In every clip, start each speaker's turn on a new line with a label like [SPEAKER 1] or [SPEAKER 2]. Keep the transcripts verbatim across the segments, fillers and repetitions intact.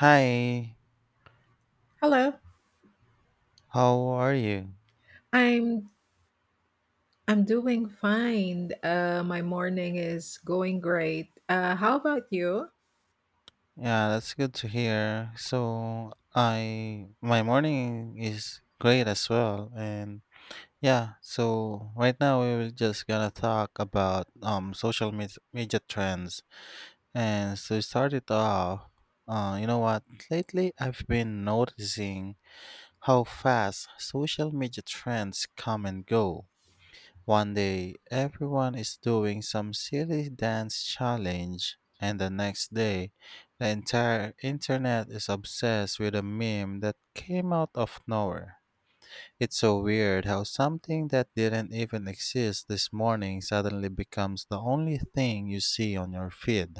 [SPEAKER 1] Hi,
[SPEAKER 2] Hello.
[SPEAKER 1] how are you?
[SPEAKER 2] I'm I'm doing fine. Uh, my morning is going great. Uh, how about you?
[SPEAKER 1] Yeah, that's good to hear. So, I my morning is great as well and yeah, so right now we were just gonna talk about um social med media trends. And so to start it off, uh you know what? Lately I've been noticing how fast social media trends come and go. One day, everyone is doing some silly dance challenge, and the next day, the entire internet is obsessed with a meme that came out of nowhere. It's so weird how something that didn't even exist this morning suddenly becomes the only thing you see on your feed.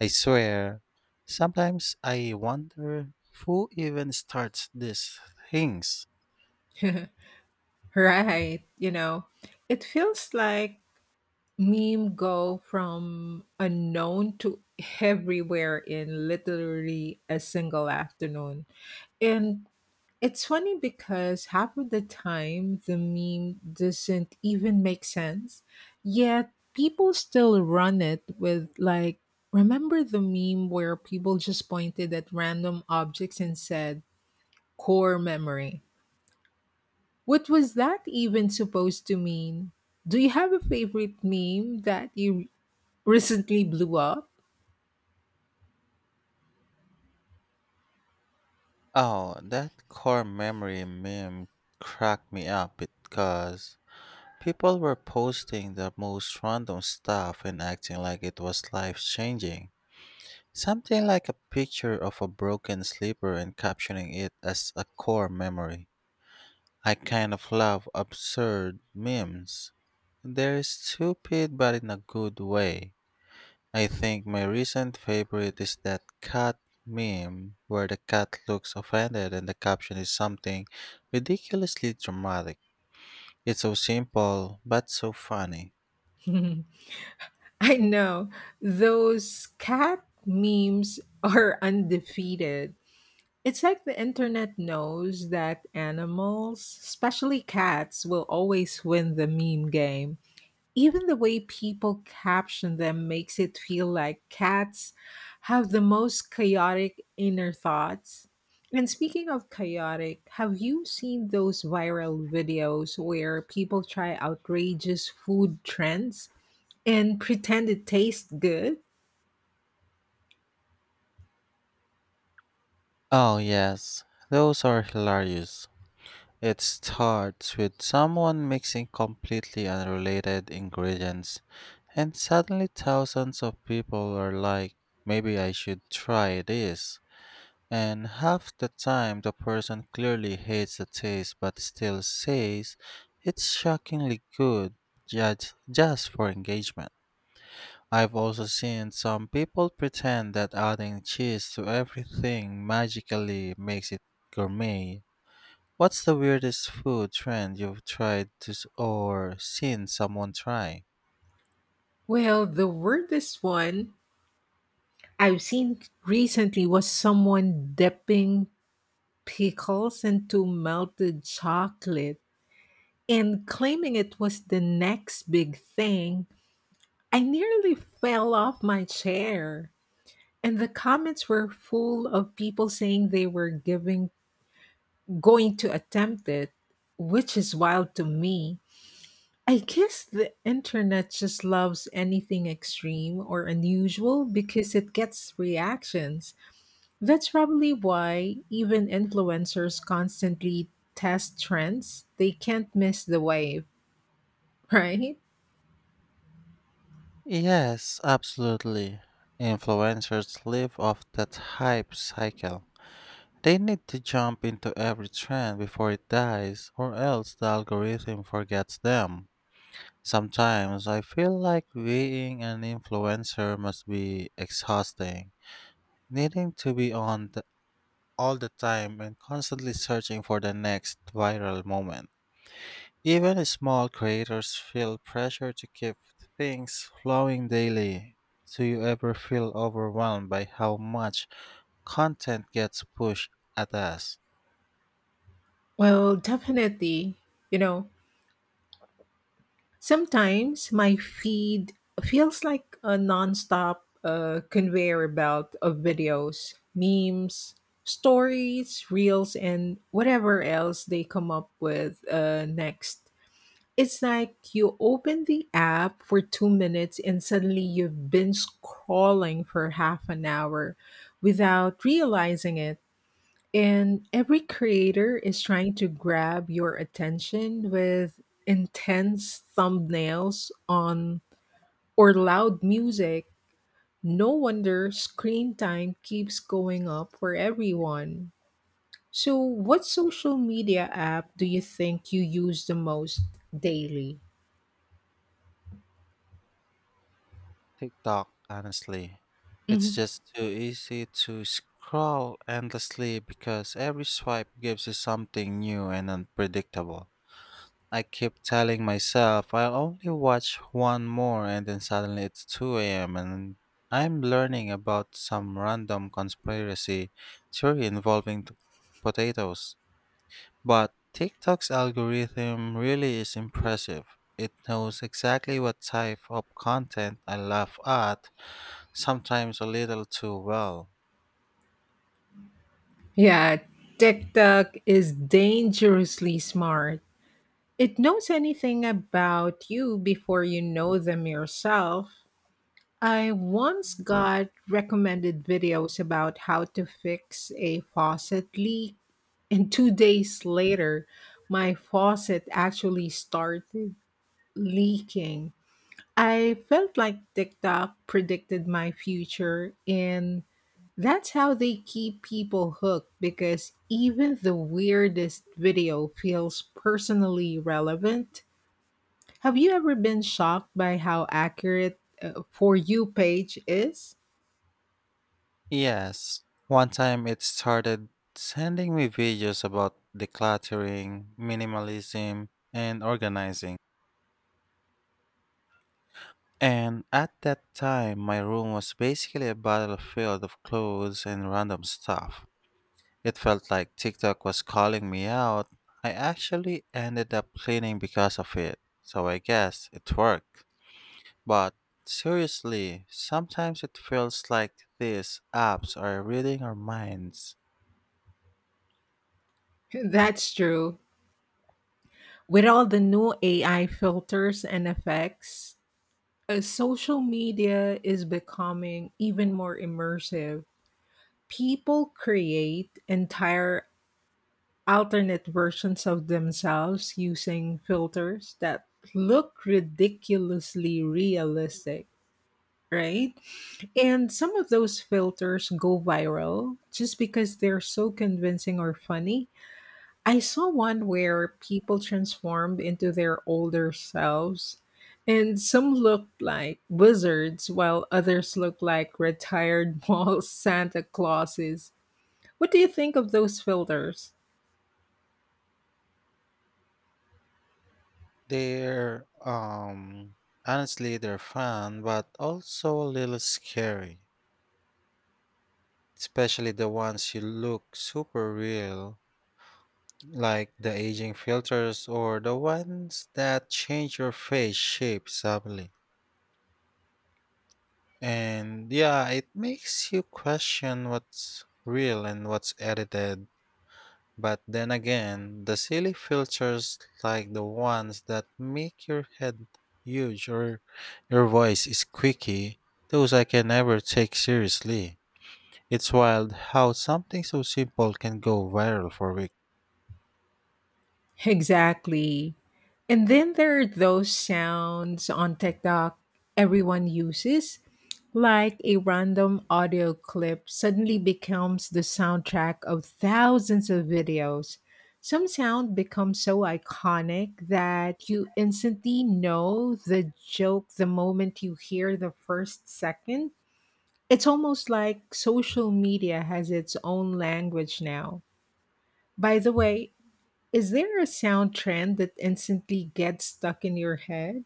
[SPEAKER 1] I swear, sometimes I wonder who even starts these things.
[SPEAKER 2] Right. You know, it feels like meme go from unknown to everywhere in literally a single afternoon. And It's funny because half of the time the meme doesn't even make sense, yet people still run it with, like, remember the meme where people just pointed at random objects and said, core memory? What was that even supposed to mean? Do you have a favorite meme that you recently blew up?
[SPEAKER 1] Oh, that core memory meme cracked me up because people were posting the most random stuff and acting like it was life changing. Something like a picture of a broken slipper and captioning it as a core memory. I kind of love absurd memes. They're stupid but in a good way. I think my recent favorite is that cat meme where the cat looks offended and the caption is something ridiculously dramatic. It's so simple, but so funny.
[SPEAKER 2] I know, those cat memes are undefeated. It's like the internet knows that animals, especially cats, will always win the meme game. Even the way people caption them makes it feel like cats have the most chaotic inner thoughts. And speaking of chaotic, have you seen those viral videos where people try outrageous food trends and pretend it tastes good?
[SPEAKER 1] Oh, yes, those are hilarious. It starts with someone mixing completely unrelated ingredients, and suddenly thousands of people are like, maybe I should try this. And half the time the person clearly hates the taste but still says it's shockingly good just, just for engagement. I've also seen some people pretend that adding cheese to everything magically makes it gourmet. What's the weirdest food trend you've tried to s- or seen someone try?
[SPEAKER 2] Well, the weirdest one I've seen recently was someone dipping pickles into melted chocolate and claiming it was the next big thing. I nearly fell off my chair. And the comments were full of people saying they were giving going to attempt it, which is wild to me. I guess the internet just loves anything extreme or unusual because it gets reactions. That's probably why even influencers constantly test trends. They can't miss the wave, right?
[SPEAKER 1] Yes, absolutely. Influencers live off that hype cycle. They need to jump into every trend before it dies, or else the algorithm forgets them. Sometimes I feel like being an influencer must be exhausting, needing to be on the, all the time and constantly searching for the next viral moment. Even small creators feel pressure to keep things flowing daily. Do you ever feel overwhelmed by how much content gets pushed at us?
[SPEAKER 2] Well, definitely. You know, sometimes my feed feels like a nonstop uh, conveyor belt of videos, memes, stories, reels, and whatever else they come up with uh, next. It's like you open the app for two minutes and suddenly you've been scrolling for half an hour without realizing it. And every creator is trying to grab your attention with intense thumbnails on or loud music. No wonder screen time keeps going up for everyone. So, what social media app do you think you use the most daily?
[SPEAKER 1] TikTok, honestly. It's
[SPEAKER 2] Mhm.
[SPEAKER 1] just too easy to scroll endlessly because every swipe gives you something new and unpredictable. I keep telling myself I'll only watch one more and then suddenly it's two a m and I'm learning about some random conspiracy theory involving t- potatoes. But TikTok's algorithm really is impressive. It knows exactly what type of content I laugh at sometimes a little too well.
[SPEAKER 2] Yeah, TikTok is dangerously smart. It knows anything about you before you know them yourself. I once got recommended videos about how to fix a faucet leak, and two days later, my faucet actually started leaking. I felt like TikTok predicted my future, and that's how they keep people hooked because even the weirdest video feels personally relevant. Have you ever been shocked by how accurate uh, For You page is?
[SPEAKER 1] Yes, one time it started sending me videos about decluttering, minimalism, and organizing. And at that time, my room was basically a battlefield of clothes and random stuff. It felt like TikTok was calling me out. I actually ended up cleaning because of it, so I guess it worked. But seriously, sometimes it feels like these apps are reading our minds.
[SPEAKER 2] That's true. With all the new A I filters and effects, uh, social media is becoming even more immersive. People create entire alternate versions of themselves using filters that look ridiculously realistic, right? And some of those filters go viral just because they're so convincing or funny. I saw one where people transformed into their older selves. And some looked like wizards, while others looked like retired mall Santa Clauses. What do you think of those filters?
[SPEAKER 1] They're, um, Honestly, they're fun, but also a little scary. Especially the ones you look super real, like the aging filters or the ones that change your face shape subtly. And yeah, it makes you question what's real and what's edited. But then again, the silly filters like the ones that make your head huge or your voice is squeaky, those I can never take seriously. It's wild how something so simple can go viral for weeks.
[SPEAKER 2] Exactly. And then there are those sounds on TikTok everyone uses, like a random audio clip suddenly becomes the soundtrack of thousands of videos. Some sound becomes so iconic that you instantly know the joke the moment you hear the first second. It's almost like social media has its own language now. By the way, is there a sound trend that instantly gets stuck in your head?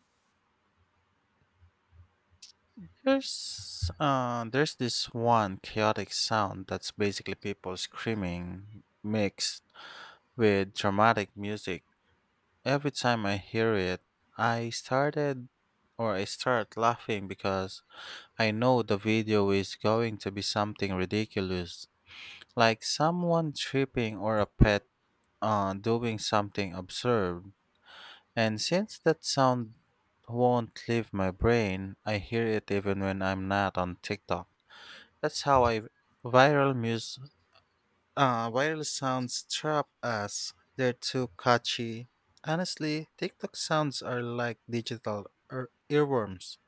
[SPEAKER 1] There's, uh, there's this one chaotic sound that's basically people screaming mixed with dramatic music. Every time I hear it, I started or I start laughing because I know the video is going to be something ridiculous, like someone tripping or a pet uh, doing something absurd. And since that sound won't leave my brain, I hear it even when I'm not on TikTok. That's how I viral mus uh, viral sounds trap us. They're too catchy. Honestly, TikTok sounds are like digital ear- earworms.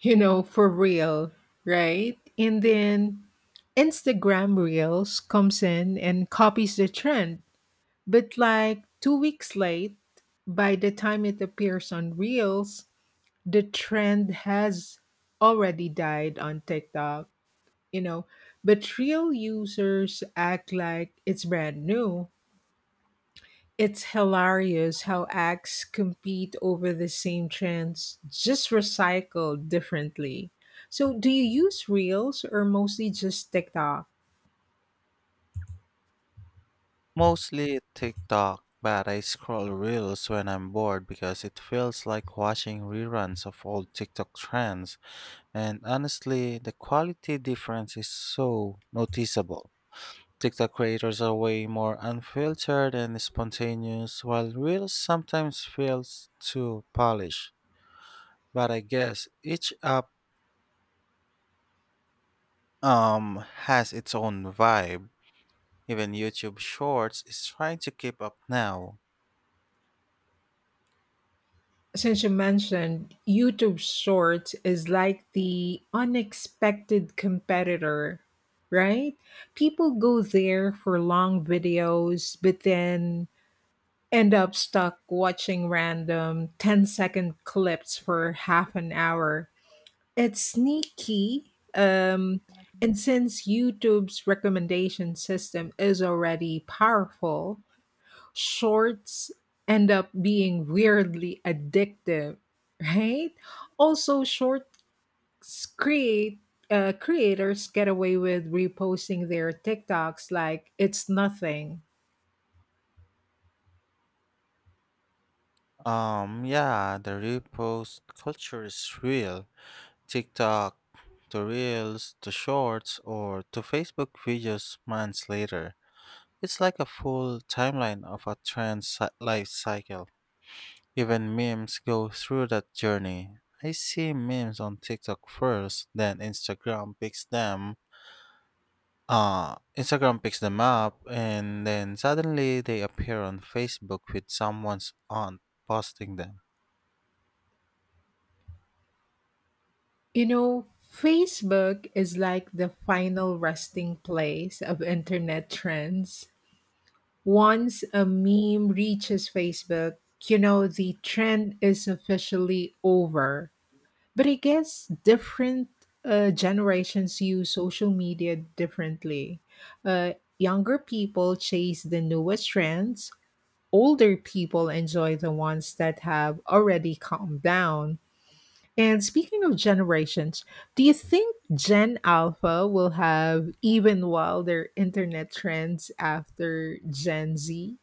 [SPEAKER 2] You know, for real, right? And then Instagram Reels comes in and copies the trend. But like two weeks late, by the time it appears on Reels, the trend has already died on TikTok, you know. But real users act like it's brand new. It's hilarious how acts compete over the same trends, just recycled differently. So, do you use Reels or mostly just TikTok?
[SPEAKER 1] Mostly TikTok, but I scroll reels when I'm bored because it feels like watching reruns of old TikTok trends. And honestly, the quality difference is so noticeable. TikTok creators are way more unfiltered and spontaneous, while reels sometimes feels too polished. But I guess each app um has its own vibe. Even YouTube Shorts is trying to keep up now.
[SPEAKER 2] Since you mentioned YouTube Shorts is like the unexpected competitor, right? People go there for long videos, but then end up stuck watching random ten-second clips for half an hour. It's sneaky. Um, and since YouTube's recommendation system is already powerful, shorts end up being weirdly addictive, right? Also, shorts create uh, creators get away with reposting their TikToks like it's nothing.
[SPEAKER 1] Um, yeah, the repost culture is real. TikTok, the reels, the shorts, or to Facebook videos months later. It's like a full timeline of a trend cy- life cycle. Even memes go through that journey. I see memes on TikTok first, then Instagram picks them. Uh, Instagram picks them up, and then suddenly they appear on Facebook with someone's aunt posting them.
[SPEAKER 2] You know, Facebook is like the final resting place of internet trends. Once a meme reaches Facebook, you know, the trend is officially over. But I guess different uh, generations use social media differently. Uh, younger people chase the newest trends, older people enjoy the ones that have already calmed down. And speaking of generations, do you think Gen Alpha will have even wilder internet trends after Gen Z?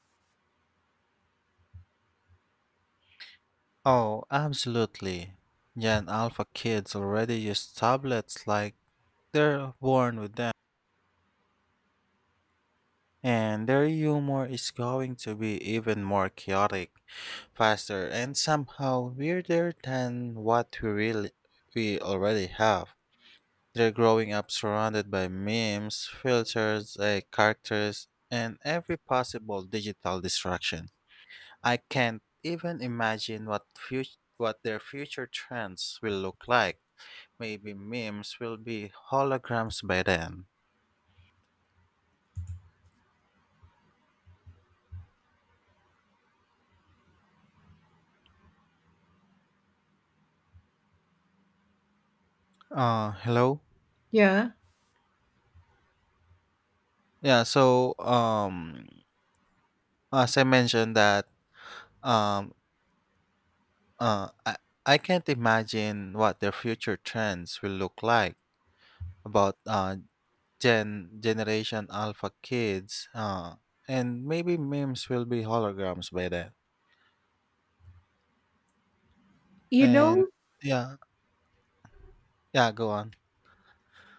[SPEAKER 1] Oh, absolutely. Gen Alpha kids already use tablets like they're born with them. And their humor is going to be even more chaotic, faster, and somehow weirder than what we really we already have. They're growing up surrounded by memes, filters, eh, characters, and every possible digital distraction. I can't even imagine what fut- what their future trends will look like. Maybe memes will be holograms by then. Uh, hello.
[SPEAKER 2] Yeah.
[SPEAKER 1] Yeah. So, um, as I mentioned that, um, uh, I I can't imagine what their future trends will look like about uh gen generation alpha kids. Uh, and maybe memes will be holograms by then.
[SPEAKER 2] You
[SPEAKER 1] And
[SPEAKER 2] know,
[SPEAKER 1] yeah, yeah. Go on.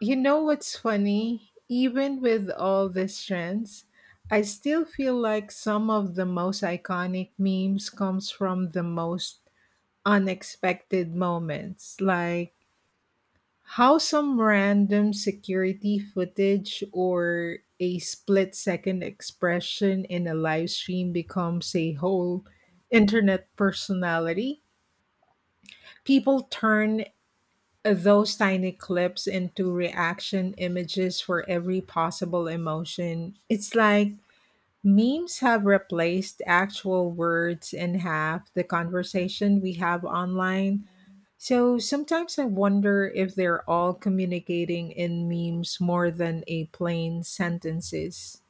[SPEAKER 2] you know what's funny? Even with all these trends, I still feel like some of the most iconic memes comes from the most unexpected moments, like how some random security footage or a split second expression in a live stream becomes a whole internet personality. People turn those tiny clips into reaction images for every possible emotion. It's like memes have replaced actual words in half the conversation we have online. So sometimes I wonder if they're all communicating in memes more than a plain sentences.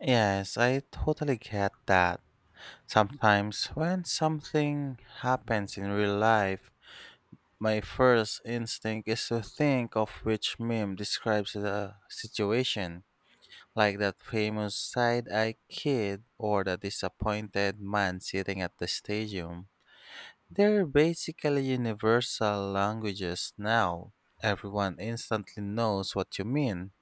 [SPEAKER 1] Yes, I totally get that. Sometimes when something happens in real life, my first instinct is to think of which meme describes the situation, like that famous side eye kid or the disappointed man sitting at the stadium. They're basically universal languages now. Everyone instantly knows what you mean.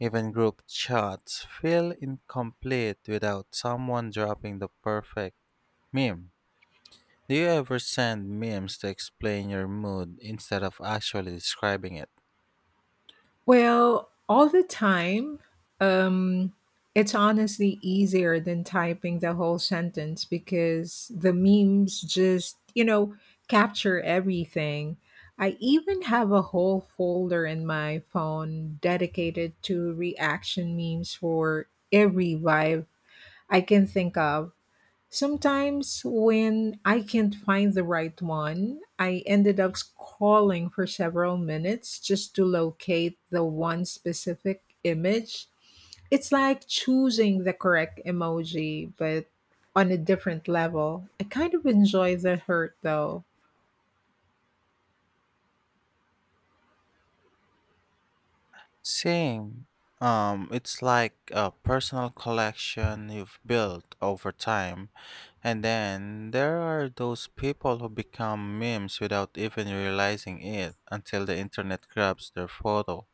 [SPEAKER 1] Even group chats feel incomplete without someone dropping the perfect meme. Do you ever send memes to explain your mood instead of actually describing it?
[SPEAKER 2] Well, all the time. Um, it's honestly easier than typing the whole sentence because the memes just, you know, capture everything. I even have a whole folder in my phone dedicated to reaction memes for every vibe I can think of. Sometimes when I can't find the right one, I ended up scrolling for several minutes just to locate the one specific image. It's like choosing the correct emoji, but on a different level. I kind of enjoy the hurt though.
[SPEAKER 1] Same. Um, it's like a personal collection you've built over time. And then there are those people who become memes without even realizing it until the internet grabs their photo.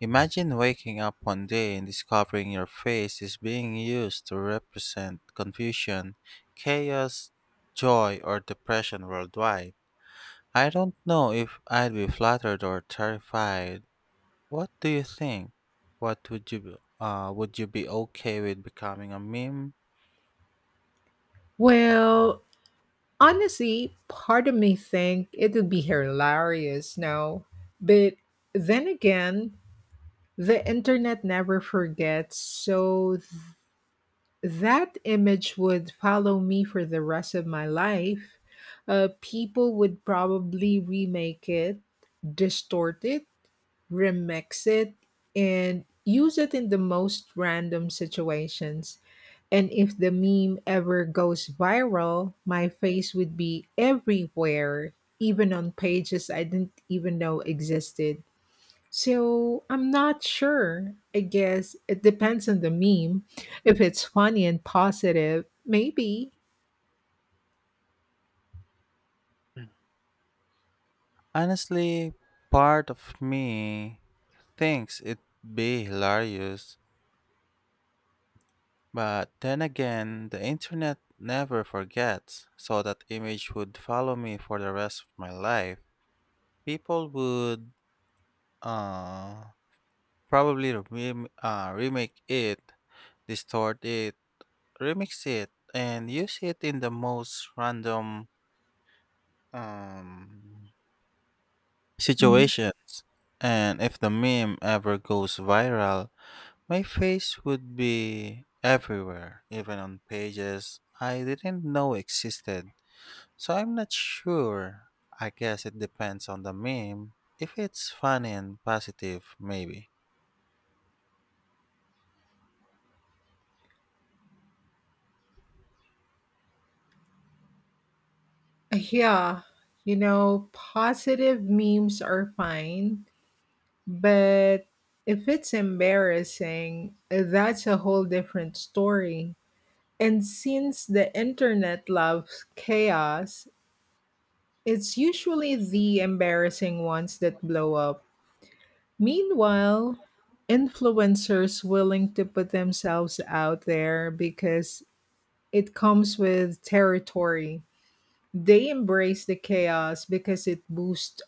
[SPEAKER 1] Imagine waking up one day and discovering your face is being used to represent confusion, chaos, joy, or depression worldwide. I don't know if I'd be flattered or terrified. What do you think? What would you uh would you be okay with becoming a meme?
[SPEAKER 2] Well, honestly, part of me think it would be hilarious, no? But then again, the internet never forgets, so that image would follow me for the rest of my life. Uh, people would probably remake it, distort it, remix it, and use it in the most random situations. And if the meme ever goes viral, my face would be everywhere, even on pages I didn't even know existed. So I'm not sure. I guess it depends on the meme. If it's funny and positive, maybe.
[SPEAKER 1] Honestly, part of me thinks it'd be hilarious. But then again, the internet never forgets, so that image would follow me for the rest of my life. People would uh, probably rem- uh, remake it, distort it, remix it, and use it in the most random um,
[SPEAKER 2] Mhm.
[SPEAKER 1] situations. And if the meme ever goes viral, my face would be everywhere, even on pages I didn't know existed. So I'm not sure. I guess it depends on the meme. If it's funny and positive, maybe.
[SPEAKER 2] Yeah, you know, positive memes are fine, but if it's embarrassing, that's a whole different story. And since the internet loves chaos, it's usually the embarrassing ones that blow up. Meanwhile, influencers willing to put themselves out there because it comes with territory. They embrace the chaos because it boosts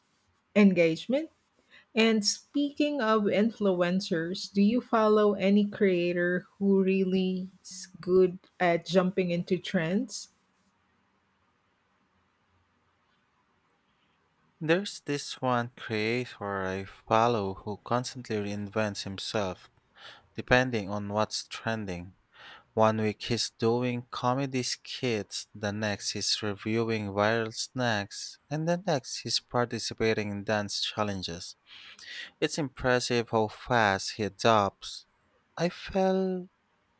[SPEAKER 2] engagement. And speaking of influencers, do you follow any creator who really is good at jumping into trends?
[SPEAKER 1] There's this one creator I follow who constantly reinvents himself depending on what's trending. One week he's doing comedy skits, the next he's reviewing viral snacks, and the next he's participating in dance challenges. It's impressive how fast he adopts. I felt.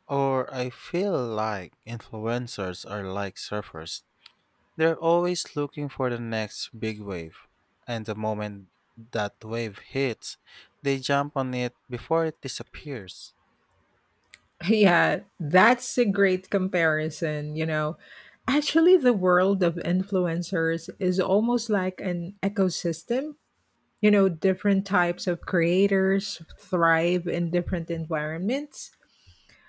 [SPEAKER 1] Or I feel like influencers are like surfers. They're always looking for the next big wave. And the moment that wave hits, they jump on it before it disappears.
[SPEAKER 2] Yeah, that's a great comparison, you know. Actually, the world of influencers is almost like an ecosystem. You know, different types of creators thrive in different environments.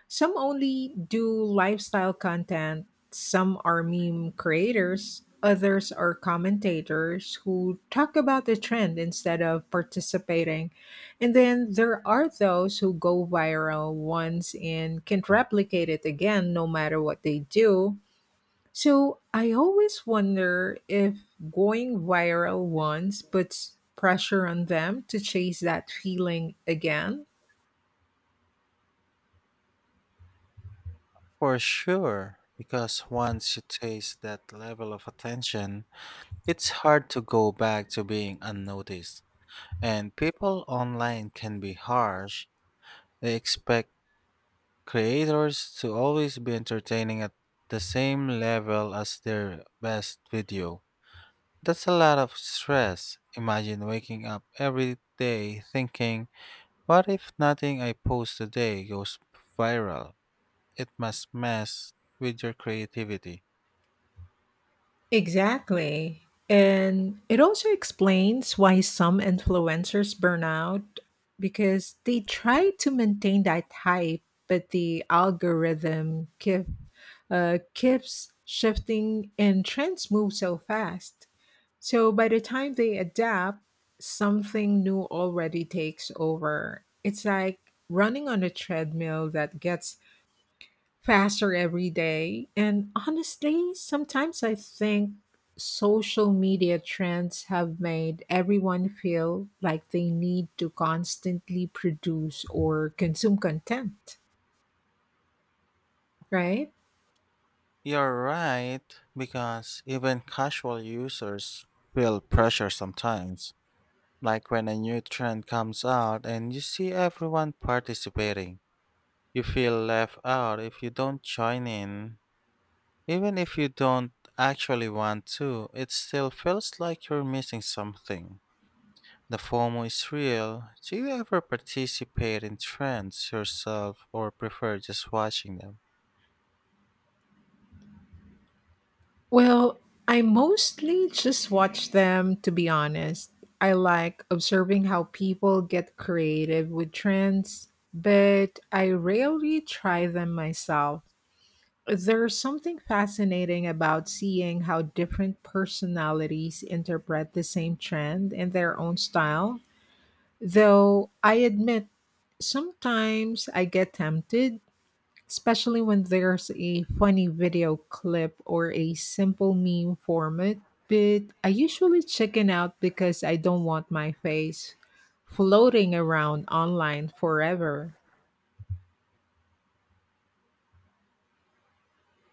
[SPEAKER 2] Some only do lifestyle content, some are meme creators, others are commentators who talk about the trend instead of participating. And then there are those who go viral once and can't replicate it again no matter what they do. So I always wonder if going viral once puts pressure on them to chase that feeling again.
[SPEAKER 1] For sure, because once you taste that level of attention, it's hard to go back to being unnoticed. And people online can be harsh. They expect creators to always be entertaining at the same level as their best video. That's a lot of stress. Imagine waking up every day thinking, what if nothing I post today goes viral? It must mess with your creativity.
[SPEAKER 2] Exactly. And it also explains why some influencers burn out because they try to maintain that hype, but the algorithm keep, uh, keeps shifting and trends move so fast. So by the time they adapt, something new already takes over. It's like running on a treadmill that gets faster every day. And honestly, sometimes I think social media trends have made everyone feel like they need to constantly produce or consume content, right?
[SPEAKER 1] You're right, because even casual users feel pressure sometimes. Like when a new trend comes out and you see everyone participating. You feel left out if you don't join in. Even if you don't actually want to, it still feels like you're missing something. The FOMO is real. Do you ever participate in trends yourself or prefer just watching them?
[SPEAKER 2] Well, I mostly just watch them, to be honest. I like observing how people get creative with trends, but I rarely try them myself. There's something fascinating about seeing how different personalities interpret the same trend in their own style. Though I admit, sometimes I get tempted, especially when there's a funny video clip or a simple meme format. But I usually chicken out because I don't want my face floating around online forever.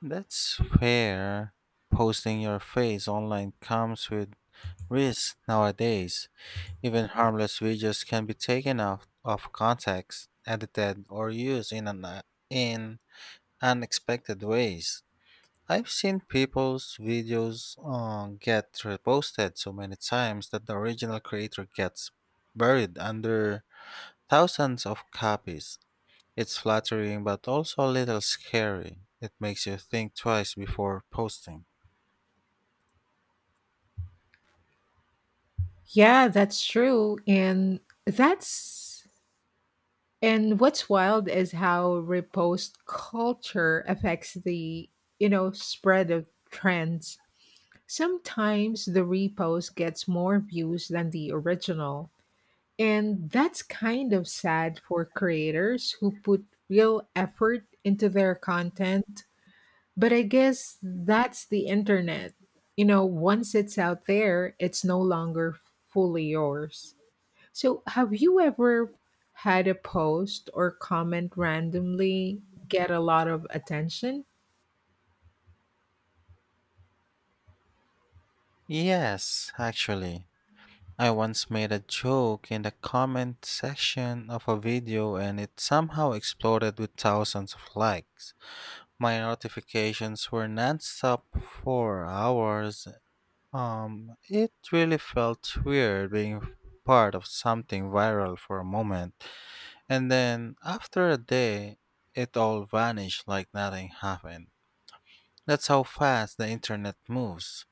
[SPEAKER 1] That's fair. Posting your face online comes with risks nowadays. Even harmless videos can be taken out of context, edited, or used in an in unexpected ways. I've seen people's videos uh, get reposted so many times that the original creator gets buried under thousands of copies. It's flattering but also a little scary. It makes you think twice before posting.
[SPEAKER 2] Yeah, that's true. And that's And what's wild is how repost culture affects the, you know, spread of trends. Sometimes the repost gets more views than the original. And that's kind of sad for creators who put real effort into their content. But I guess that's the internet. You know, once it's out there, it's no longer fully yours. So, have you ever had a post or comment randomly get a lot of attention?
[SPEAKER 1] Yes, actually. I once made a joke in the comment section of a video and it somehow exploded with thousands of likes. My notifications were nonstop for hours. Um, it really felt weird being part of something viral for a moment, and then after a day, it all vanished like nothing happened. That's how fast the internet moves.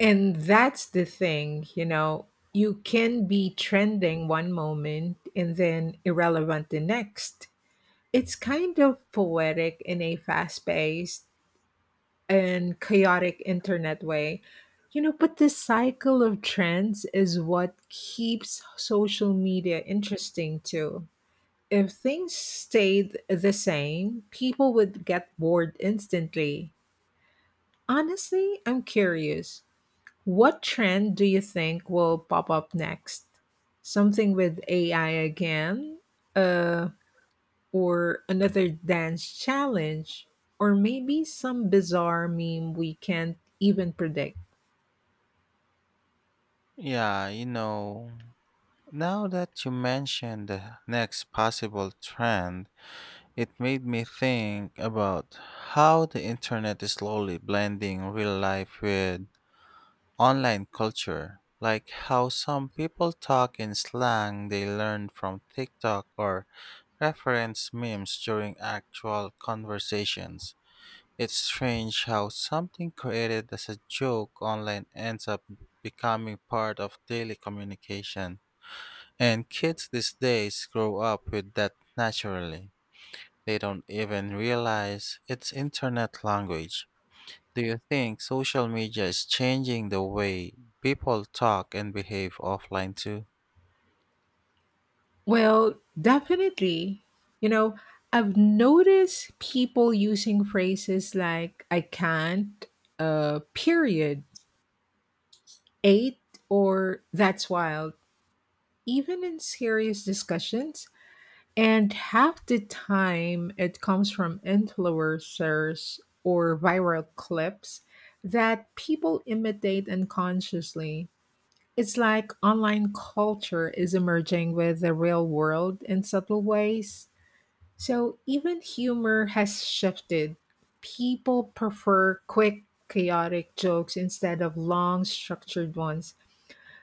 [SPEAKER 2] And that's the thing, you know, you can be trending one moment and then irrelevant the next. It's kind of poetic in a fast paced and chaotic internet way. You know, but the cycle of trends is what keeps social media interesting too. If things stayed the same, people would get bored instantly. Honestly, I'm curious. What trend do you think will pop up next? Something with A I again? Uh, or another dance challenge? Or maybe some bizarre meme we can't even predict?
[SPEAKER 1] Yeah, you know, now that you mentioned the next possible trend, it made me think about how the internet is slowly blending real life with online culture, like how some people talk in slang they learned from TikTok or reference memes during actual conversations. It's strange how something created as a joke online ends up becoming part of daily communication. And kids these days grow up with that naturally. They don't even realize it's internet language. Do you think social media is changing the way people talk and behave offline too?
[SPEAKER 2] Well, definitely. You know, I've noticed people using phrases like I can't, uh, period, eight, or that's wild, even in serious discussions. And half the time it comes from influencers or viral clips that people imitate unconsciously. It's like online culture is emerging with the real world in subtle ways. So even humor has shifted. People prefer quick, chaotic jokes instead of long, structured ones.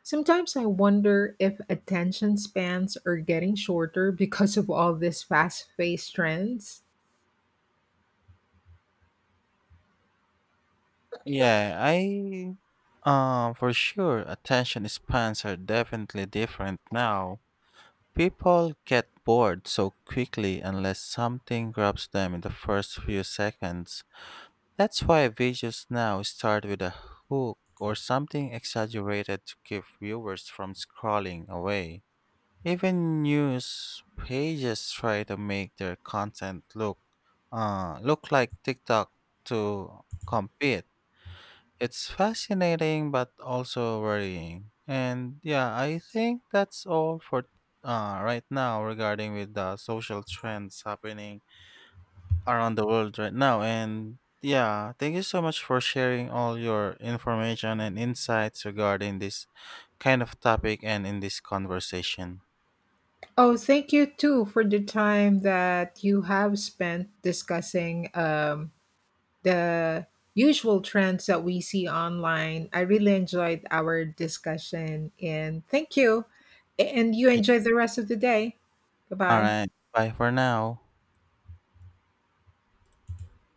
[SPEAKER 2] Sometimes I wonder if attention spans are getting shorter because of all these fast paced trends.
[SPEAKER 1] Yeah, I um For sure, attention spans are definitely different now. People get bored so quickly unless something grabs them in the first few seconds. That's why videos now start with a hook or something exaggerated to keep viewers from scrolling away. Even news pages try to make their content look uh, look like TikTok to compete. It's fascinating but also worrying. And yeah, I think that's all for uh, right now regarding with the social trends happening around the world right now. And yeah, thank you so much for sharing all your information and insights regarding this kind of topic and in this conversation.
[SPEAKER 2] Oh, thank you too for the time that you have spent discussing um, the usual trends that we see online. I really enjoyed our discussion and thank you. And you enjoy the rest of the day.
[SPEAKER 1] All
[SPEAKER 2] Goodbye.
[SPEAKER 1] right. Bye for now.